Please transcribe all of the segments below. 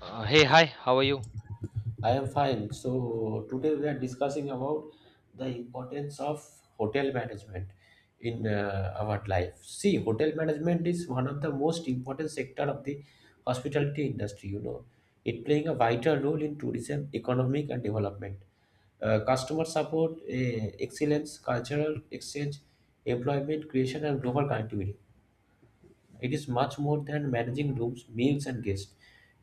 Hey, hi, how are you? I am fine. So today we are discussing about the importance of hotel management in our life. See, hotel management is one of the most important sector of the hospitality industry. It playing a vital role in tourism, economic, and development. Customer support, excellence, cultural exchange, employment creation, and global connectivity. It is much more than managing rooms, meals, and guests.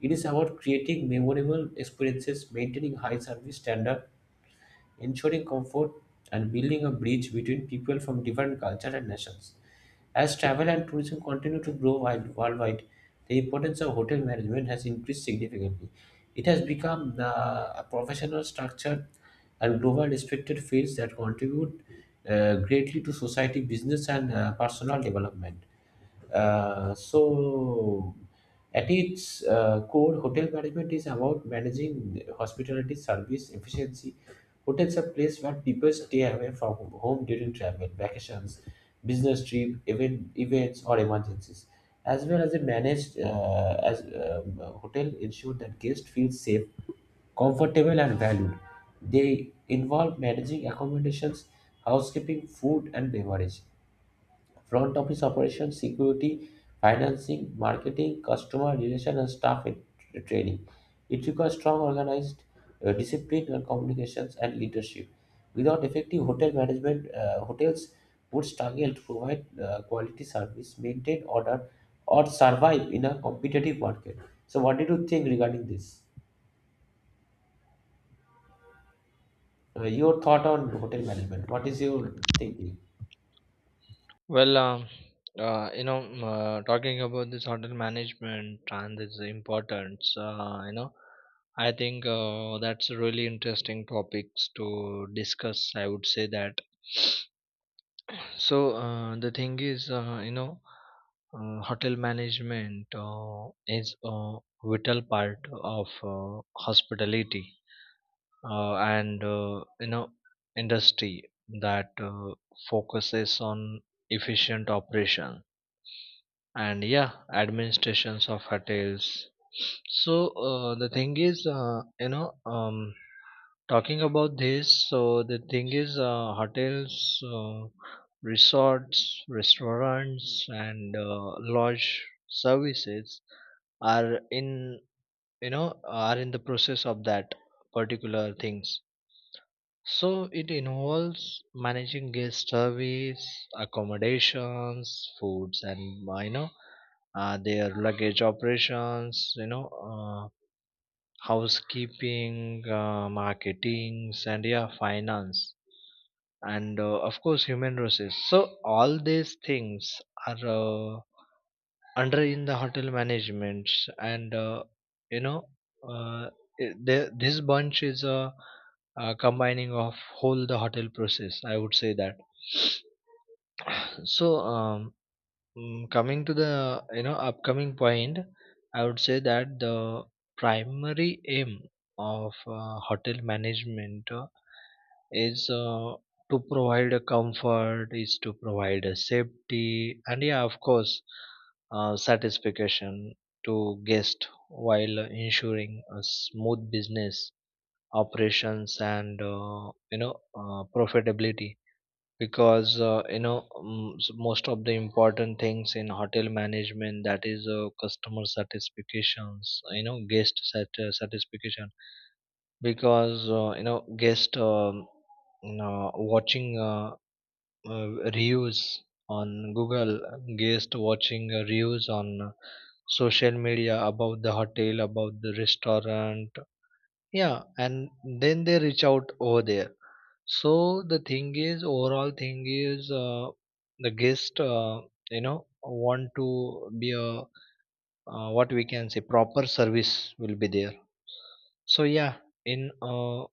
It is about creating memorable experiences, maintaining high service standard, ensuring comfort, and building a bridge between people from different cultures and nations. As travel and tourism continue to grow worldwide, the importance of hotel management has increased significantly. It has become the a professional structure and global respected fields that contribute greatly to society, business, and personal development. So, at its core, hotel management is about managing hospitality service efficiency. Hotels are place where people stay away from home during travel, vacations, business trip, events, or emergencies. As well as a managed as hotel ensure that guests feel safe, comfortable, and valued. They involve managing accommodations, housekeeping, food, and beverage front office operations, security, financing, marketing, customer relation, and staff training. It requires strong organized discipline and communications and leadership. Without effective hotel management, hotels would struggle to provide quality service, maintain order, or survive in a competitive market. So, what did you think regarding this? Your thought on hotel management? What is your thinking? Well, um, Talking about this hotel management and its importance, I think that's a really interesting topics to discuss. I would say that. So the thing is, hotel management is a vital part of hospitality and industry that focuses on efficient operation and yeah administrations of hotels. So the thing is you know talking about this, so the thing is, hotels, uh, resorts, restaurants, and lodge services are in, you know are in the process of that particular things. So it involves managing guest service, accommodations, foods, and their luggage operations, housekeeping, marketing, and yeah, finance, and of course human resources. So all these things are. Under in the hotel managements, and you know uh, this bunch is a combining of whole the hotel process, I would say that. so um, Coming to the you know upcoming point, I would say that the primary aim of hotel management is to provide a comfort, is to provide a safety, and yeah, of course, satisfaction to guest while ensuring a smooth business operations and profitability. Because most of the important things in hotel management, that is customer satisfactions, you know, satisfaction. Because you know, guest watching reviews on Google, guest watching reviews on social media about the hotel, about the restaurant, yeah, and then they reach out over there. So the thing is, overall thing is, the guest you know want to be a, what we can say, proper service will be there. So yeah, in a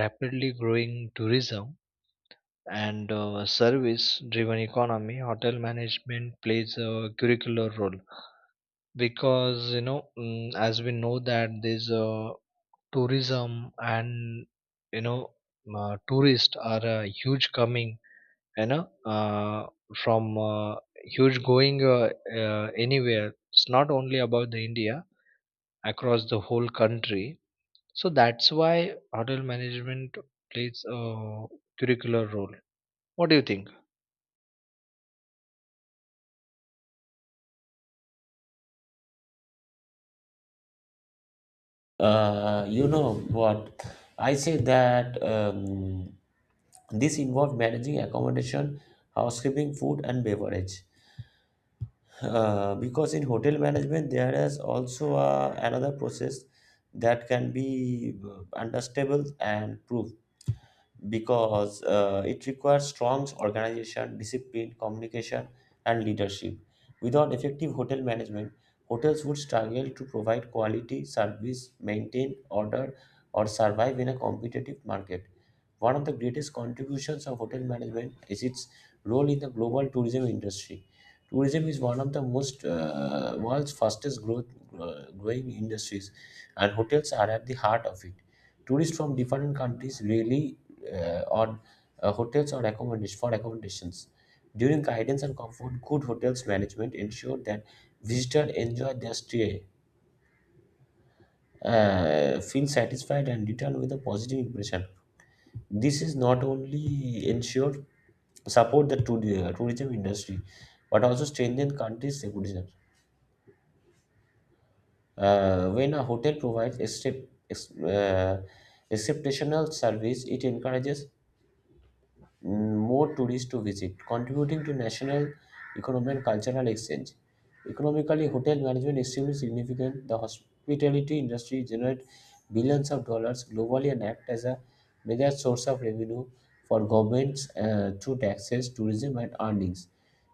rapidly growing tourism and service driven economy, hotel management plays a curricular role. Because you know, as we know that there's tourism and you know, tourists are huge coming, you know, from huge going, anywhere, it's not only about the India, across the whole country. So that's why hotel management plays a curricular role. What do you think? You know what? I say that this involved managing accommodation, housekeeping, food, and beverage. Because in hotel management, there is also another process that can be understandable and proof because it requires strong organization, discipline, communication, and leadership. Without effective hotel management, hotels would struggle to provide quality service, maintain order, or survive in a competitive market. One of the greatest contributions of hotel management is its role in the global tourism industry. Tourism is one of the most world's fastest growth growing industries, and hotels are at the heart of it. Tourists from different countries really on hotels or accommodations for accommodations. During guidance and comfort, good hotels management ensure that visitors enjoy their stay, feel satisfied, and return with a positive impression. This is not only ensure support the tourism industry, but also strengthen countries' reputation. When a hotel provides exceptional service, it encourages more tourists to visit, contributing to national economic and cultural exchange. Economically, hotel management is extremely significant. The hospitality industry generates billions of dollars globally and act as a major source of revenue for governments through taxes, tourism, and earnings.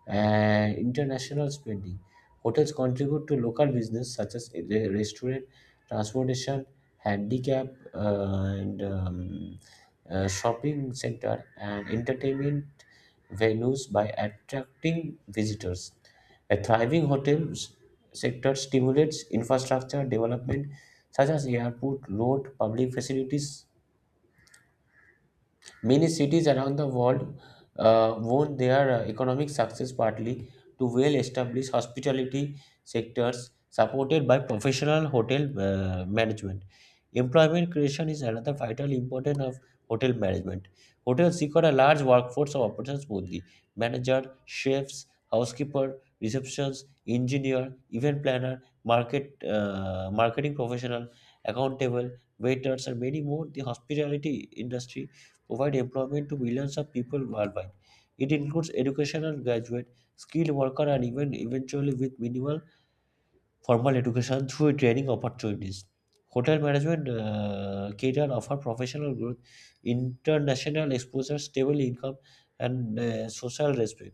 International spending. Hotels contribute to local business such as restaurant, transportation, handicap, and shopping center and entertainment venues by attracting visitors. A thriving hotel sector stimulates infrastructure development such as airport, road, public facilities, many cities around the world won their economic success partly to well-established hospitality sectors supported by professional hotel management. Employment creation is another vital importance of hotel management. Hotels require a large workforce of operations boldly manager, chefs, housekeeper, receptions, engineer, event planner, marketing professional, accountable, waiters, and many more. The hospitality industry provide employment to millions of people worldwide. It includes educational graduate, skilled worker, and even eventually with minimal formal education through training opportunities. Hotel management career offer professional growth, international exposure, stable income, and social respect.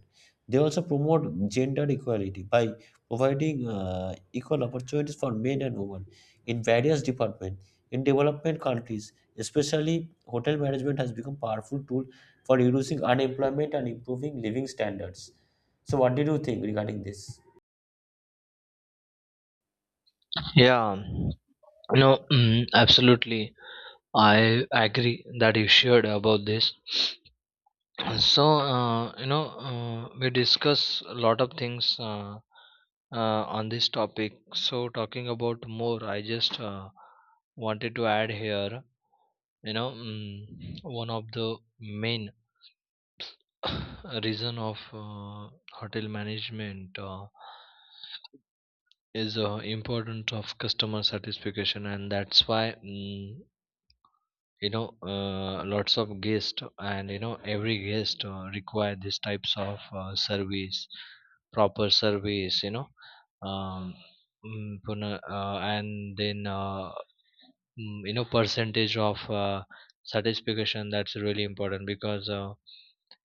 They also promote gender equality by providing equal opportunities for men and women in various departments. In development countries, especially hotel management has become powerful tool for reducing unemployment and improving living standards. So, what did you think regarding this? Yeah, no, absolutely, I agree that you shared about this. So, we discuss a lot of things on this topic. So, talking about more, I just wanted to add here, you know, one of the main reason of hotel management is importance of customer satisfaction, and that's why. You know, lots of guests, and you know every guest require these types of service, proper service, you know. um, and then, you know, percentage of satisfaction, that's really important. Because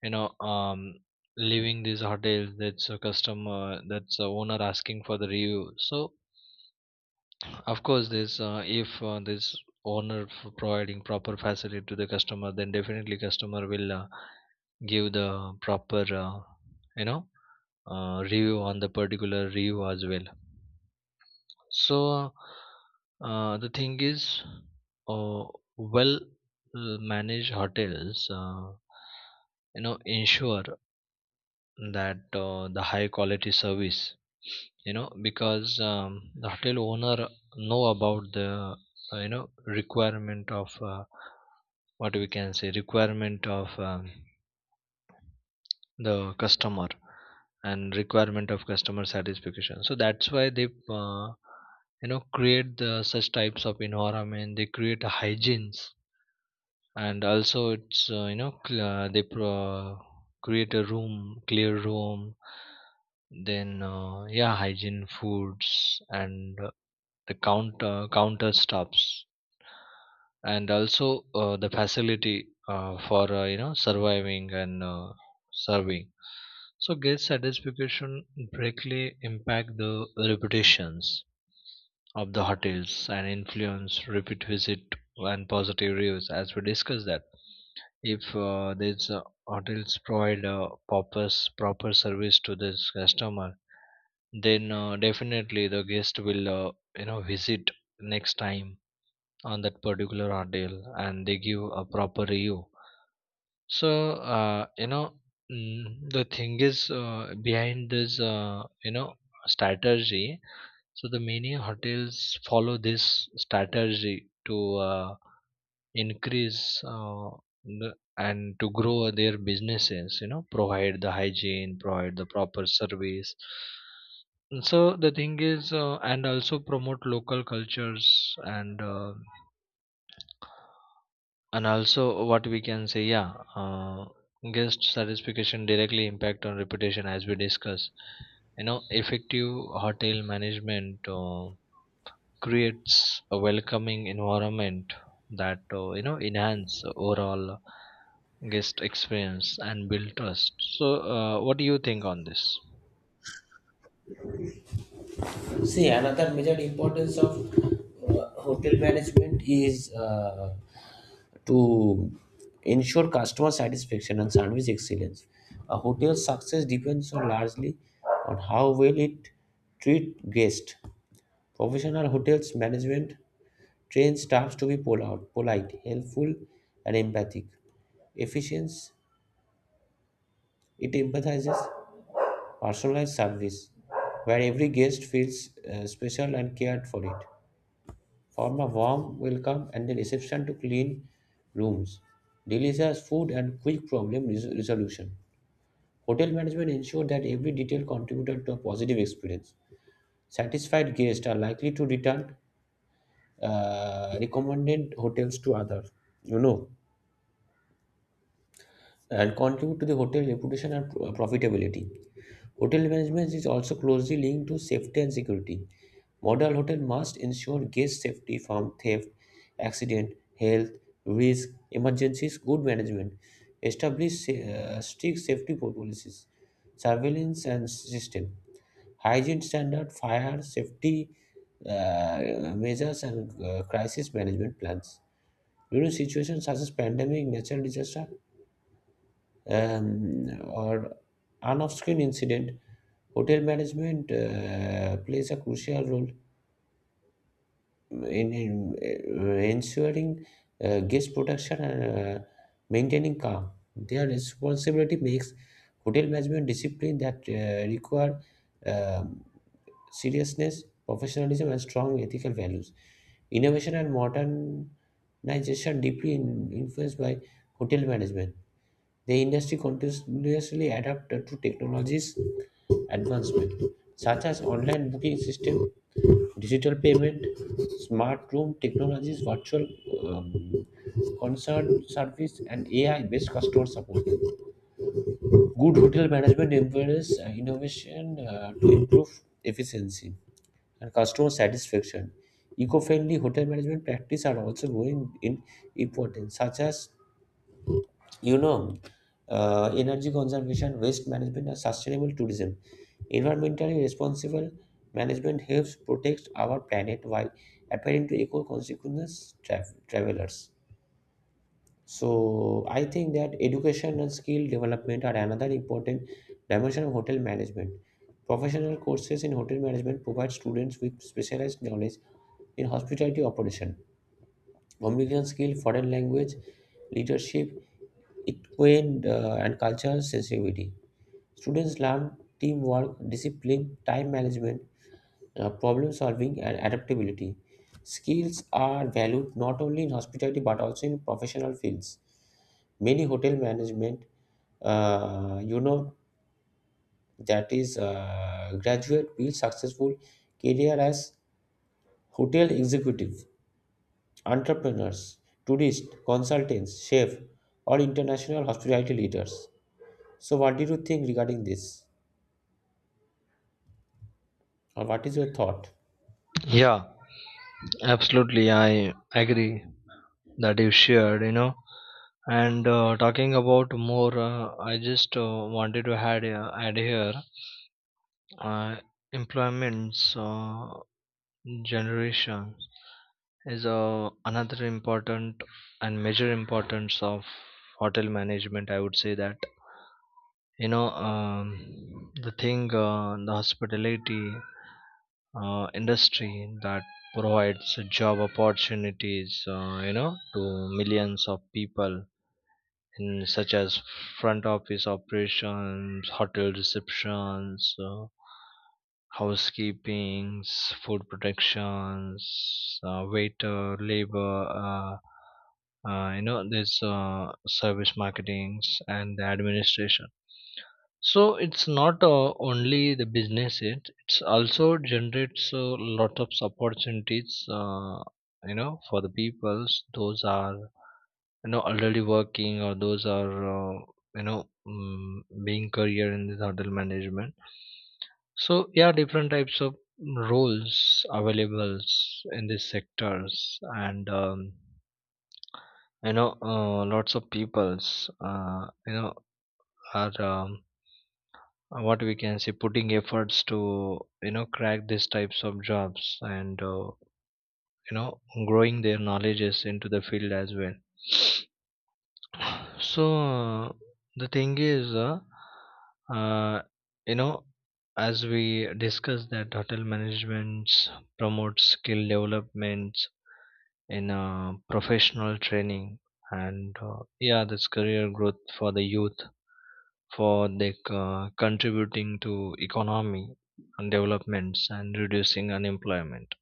you know um, leaving these hotels, that's a customer, that's a owner asking for the review. So of course, this, if this owner for providing proper facility to the customer, then definitely customer will give the proper, you know review on the particular review as well. So the thing is, uh, well, managed hotels, you know, ensure that the high quality service, you know, because the hotel owner know about the, you know, requirement of, what we can say, requirement of the customer and requirement of customer satisfaction. So that's why they you know create the such types of environment, they create a hygienes, and also it's they create a room, clear room, then yeah, hygiene foods and the counter stops, and also the facility for you know surviving and serving. So guest satisfaction directly impact the reputations of the hotels and influence repeat visit and positive reviews, as we discussed that, if these hotels provide proper service to this customer, then definitely the guest will you know visit next time on that particular hotel, and they give a proper review. So the thing is, behind this strategy, so the many hotels follow this strategy to increase and to grow their businesses, you know, provide the hygiene, provide the proper service. So the thing is, and also promote local cultures, and also what we can say, yeah, guest satisfaction directly impact on reputation, as we discuss. You know, effective hotel management creates a welcoming environment that you know enhance overall guest experience and build trust. So, what do you think on this? See, another major importance of hotel management is to ensure customer satisfaction and service excellence. A hotel's success depends on largely on how well it treats guests. Professional hotels management train staffs to be polite, helpful, and empathic. Efficiency it empathizes personalized service where every guest feels special and cared for it. Form a warm welcome and a reception to clean rooms, delicious food, and quick problem resolution. Hotel management ensure that every detail contributed to a positive experience. Satisfied guests are likely to return recommended hotels to others. You know. And contribute to the hotel reputation and profitability. Hotel management is also closely linked to safety and security. Model hotel must ensure guest safety from theft, accident, health, risk, emergencies, good management, establish strict safety policies, surveillance and system, hygiene standard, fire safety measures and crisis management plans. During situations such as pandemic, natural disaster, or on-screen incident, hotel management plays a crucial role in ensuring guest protection and maintaining calm. Their responsibility makes hotel management discipline that require um, seriousness, professionalism, and strong ethical values. Innovation and modernization deeply influenced by hotel management. The industry continuously adapt to technologies advancement such as online booking system, digital payment, smart room technologies, virtual um, concert service, and AI-based customer support. Good hotel management empowers innovation to improve efficiency and customer satisfaction. Eco-friendly hotel management practices are also growing in importance, such as you know, energy conservation, waste management, and sustainable tourism. Environmentally responsible management helps protect our planet while appealing to eco-consequence travelers. So I think that education and skill development are another important dimension of hotel management. Professional courses in hotel management provide students with specialized knowledge in hospitality operation communication skill, foreign language, leadership, equine and cultural sensitivity. Students learn teamwork, discipline, time management, problem solving, and adaptability. Skills are valued not only in hospitality but also in professional fields. Many hotel management, uh, you know, that is graduate build successful career as hotel executive entrepreneurs, tourists, consultants, chefs, or international hospitality leaders. So, what do you think regarding this, or what is your thought? Yeah, absolutely, I agree that you shared, you know. And talking about more, I just wanted to add here, uh, employments generation is another important and major importance of hotel management, I would say that. you know um, the thing the hospitality industry that provides job opportunities, you know, to millions of people, in such as front office operations, hotel receptions, housekeepings, food protections, waiter, labor, you know, there's service marketings and the administration. So it's not only the business; it's also generates a lot of opportunities. You know, for the peoples, those are you know already working, or those are, being career in this hotel management. So yeah, different types of roles available in these sectors, and you know, lots of peoples, are what we can say, putting efforts to you know crack these types of jobs, and you know growing their knowledges into the field as well. So the thing is, uh, you know, as we discussed that hotel management promotes skill development in professional training, and yeah, this career growth for the youth, for the contributing to economy and developments and reducing unemployment.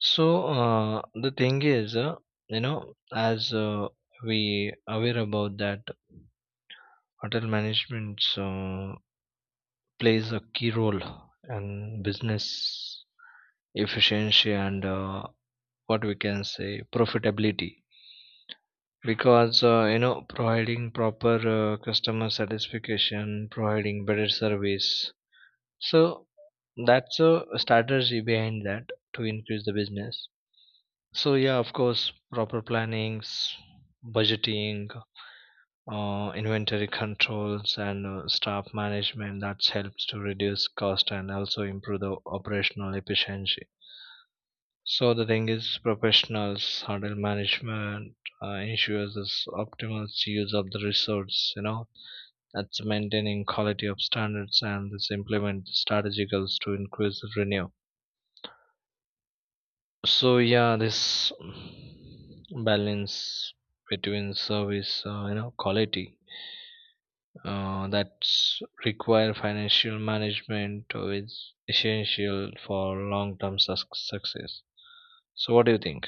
So the thing is, you know, as we aware about that, hotel management plays a key role in business efficiency, and what we can say profitability, because you know, providing proper customer satisfaction, providing better service. So that's a strategy behind that, to increase the business. So yeah, of course, proper plannings, budgeting, inventory controls, and staff management, that helps to reduce cost and also improve the operational efficiency. So the thing is, professionals handle management ensures this optimal use of the resource, you know, that's maintaining quality of standards, and this implement strategic goals to increase the renew. So yeah, this balance between service you know quality, that require financial management is essential for long term success. So, what do you think?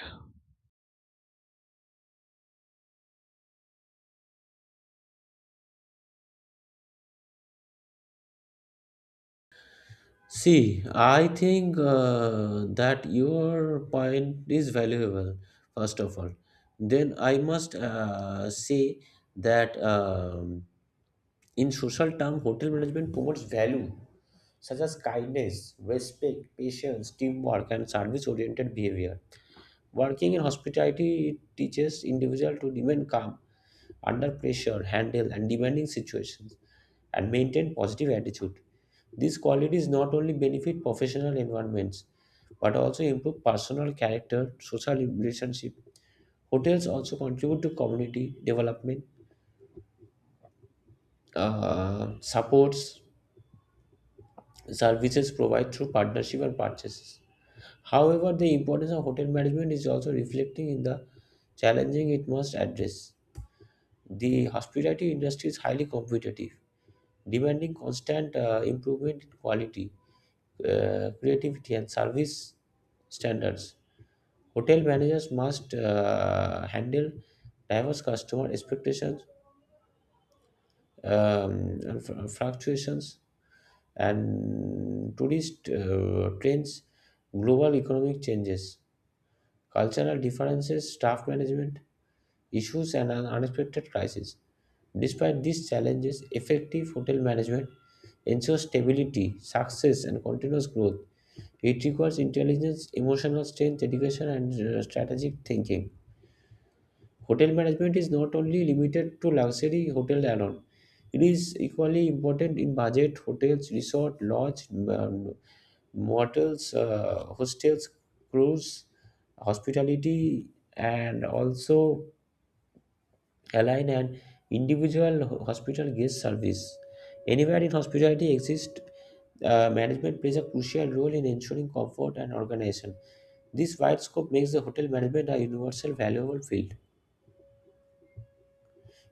See, I think that your point is valuable, first of all. Then I must say that in social term, hotel management promotes value such as kindness, respect, patience, teamwork, and service-oriented behavior. Working in hospitality it teaches individual to remain calm under pressure, handle and demanding situations, and maintain positive attitude. These qualities not only benefit professional environments but also improve personal character, social relationship. Hotels also contribute to community development, supports services provided through partnership and purchases. However, the importance of hotel management is also reflecting in the challenging it must address. The hospitality industry is highly competitive, demanding constant improvement in quality, creativity, and service standards. Hotel managers must handle diverse customer expectations, and fluctuations, and tourist trends, global economic changes, cultural differences, staff management, issues and an unexpected crisis. Despite these challenges, effective hotel management ensures stability, success, and continuous growth. It requires intelligence, emotional strength, education, and strategic thinking. Hotel management is not only limited to luxury hotel alone. It is equally important in budget hotels, resort, lodge, motels, hostels, cruise, hospitality, and also align an individual hospital guest service. Anywhere in hospitality exists, management plays a crucial role in ensuring comfort and organization. This wide scope makes the hotel management a universal valuable field.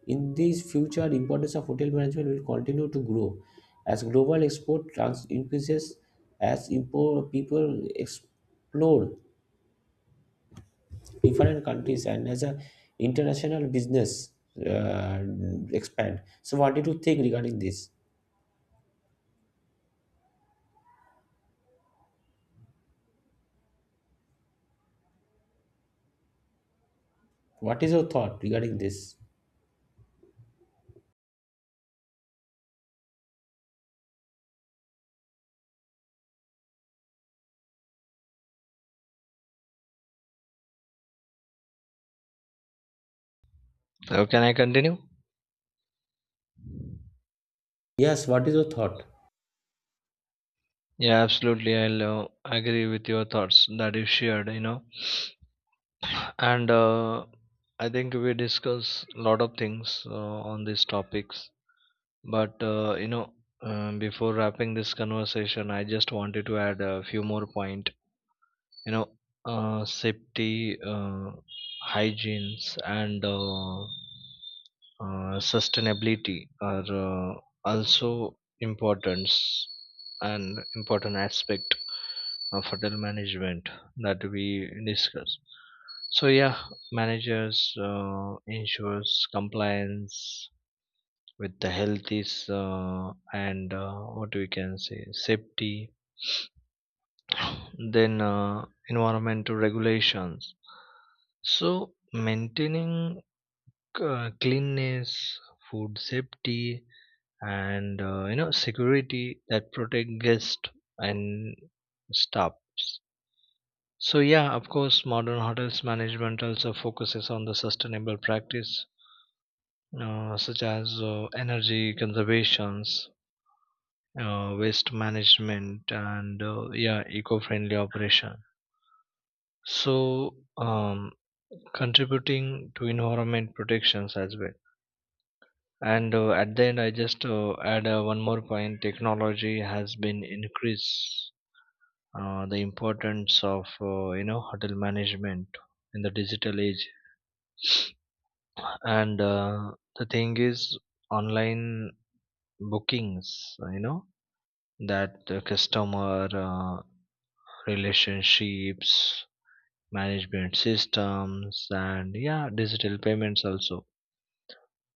In this future, the importance of hotel management will continue to grow as global export increases, as import people explore different countries, and as a international business uh, expand. So, what did you think regarding this? What is your thought regarding this? So, can I continue? Yes, what is your thought? Yeah, absolutely. I'll agree with your thoughts that you shared, you know. And I think we discuss a lot of things on these topics. But, you know, before wrapping this conversation, I just wanted to add a few more point. You know, safety, uh, hygienes, and sustainability are also important and important aspect of hotel management that we discuss. So yeah, managers uh, ensures compliance with the health is, and what we can say safety, then environmental regulations. So, maintaining cleanness, food safety, and you know security that protect guests and staffs. So yeah, of course, modern hotels management also focuses on the sustainable practice, such as energy conservations, waste management, and yeah, eco-friendly operation. So contributing to environment protections as well. And at the end, I just add one more point, technology has been increased the importance of you know hotel management in the digital age. And the thing is, online bookings, you know, that the customer relationships management systems, and yeah, digital payments also.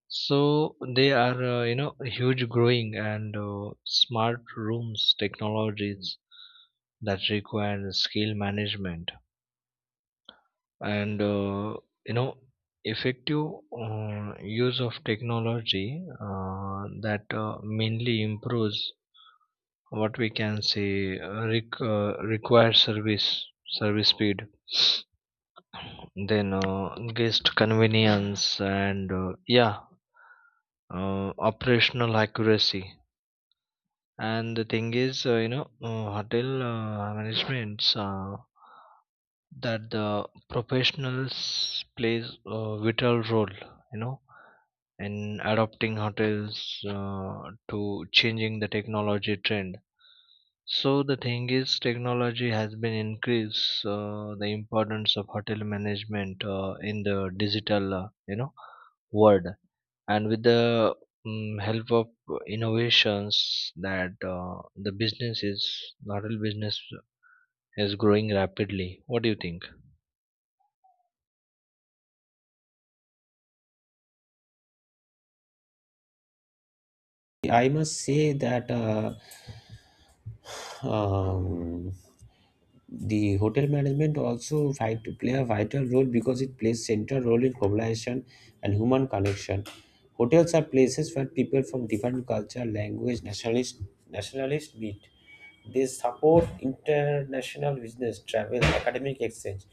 So they are, you know, huge growing, and smart rooms technologies that require skill management, and, you know, effective use of technology that mainly improves what we can say required service speed, then guest convenience, and yeah, operational accuracy. And the thing is, hotel managements that the professionals plays a vital role, you know, in adopting hotels to changing the technology trend. So the thing is, technology has been increased the importance of hotel management in the digital, world, and with the help of innovations that the business is, noodle business is growing rapidly. What do you think? I must say that um, the hotel management also fight to play a vital role because it plays central role in globalization and human connection. Hotels are places where people from different culture, language, nationalists meet. They support international business, travel, academic exchange,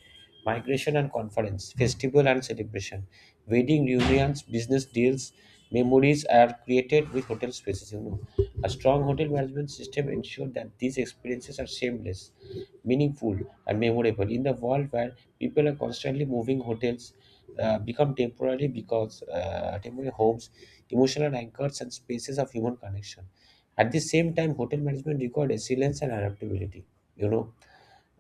migration and conference, festival and celebration, wedding reunions, business deals. Memories are created with hotel spaces. A strong hotel management system ensures that these experiences are seamless, meaningful, and memorable. In the world where people are constantly moving, hotels become temporary homes, emotional anchors, and spaces of human connection. At the same time, hotel management requires resilience and adaptability. You know,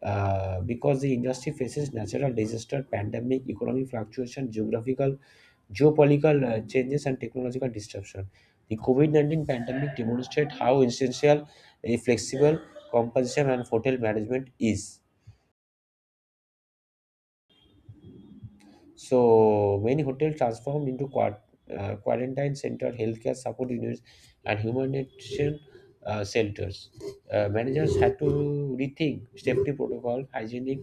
because the industry faces natural disaster, pandemic, economic fluctuation, geopolitical changes, and technological disruption. The COVID-19 pandemic demonstrates how essential a flexible compensation and hotel management is. So many hotels transformed into quarantine center, healthcare support units, and humanitarian centers. Managers had to rethink safety protocol, hygienic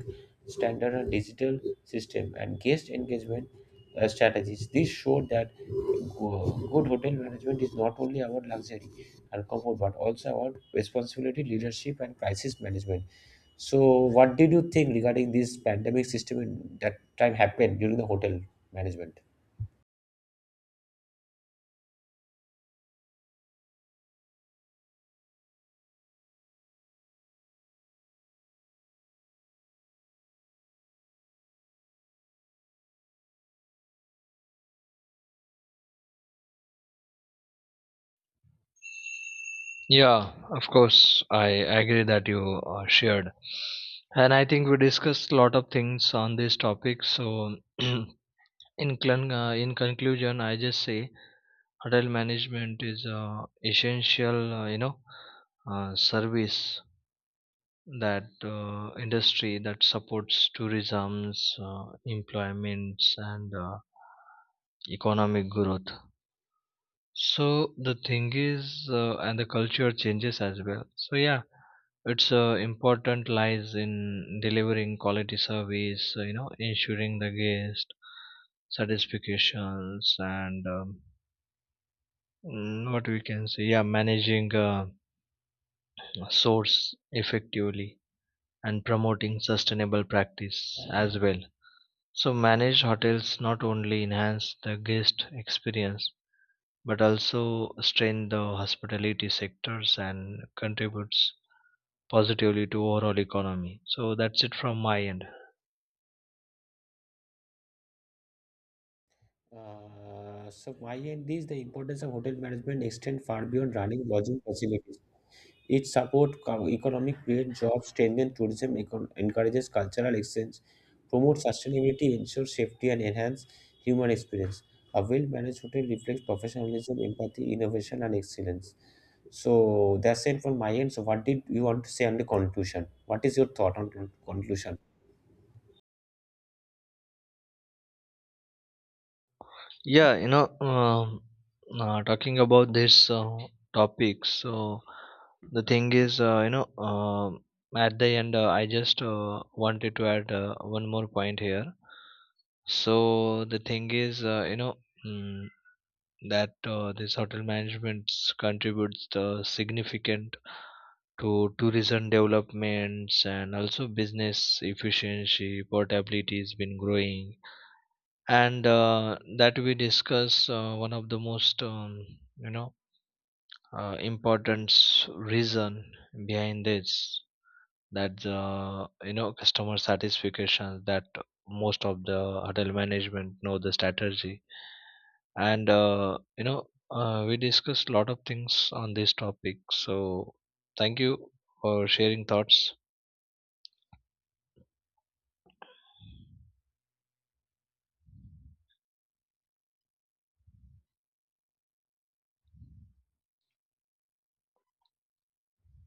standard, and digital system, and guest engagement strategies. This showed that good hotel management is not only about luxury and comfort, but also about responsibility, leadership, and crisis management. So, what did you think regarding this pandemic system in that time happened during the hotel management? Yeah, of course, I agree that you shared, and I think we discussed a lot of things on this topic. So in conclusion, I just say, hotel management is essential, service that industry that supports tourism's employments and economic growth. So the thing is, and the culture changes as well. So yeah, it's important lies in delivering quality service, you know, ensuring the guest satisfactions, and what we can say, yeah, managing source effectively and promoting sustainable practice as well. So managed hotels not only enhance the guest experience, but also strengthen the hospitality sectors and contributes positively to overall economy. So that's it from my end. So, my end is the importance of hotel management extend far beyond running lodging facilities. It supports economic growth, jobs, strengthens tourism, encourages cultural exchange, promotes sustainability, ensures safety, and enhances human experience. A well-managed hotel reflects professionalism, empathy, innovation, and excellence. So that's it from my end. So what did you want to say on the conclusion? What is your thought on conclusion? Yeah, you know, talking about this topic, so the thing is, at the end, I just wanted to add one more point here. So the thing is, mm, that this hotel management contributes the significant to tourism developments, and also business efficiency, portability has been growing, and that we discuss, one of the most, you know, important reason behind this, that the you know customer satisfaction, that most of the hotel management know the strategy. And we discussed a lot of things on this topic. So thank you for sharing thoughts.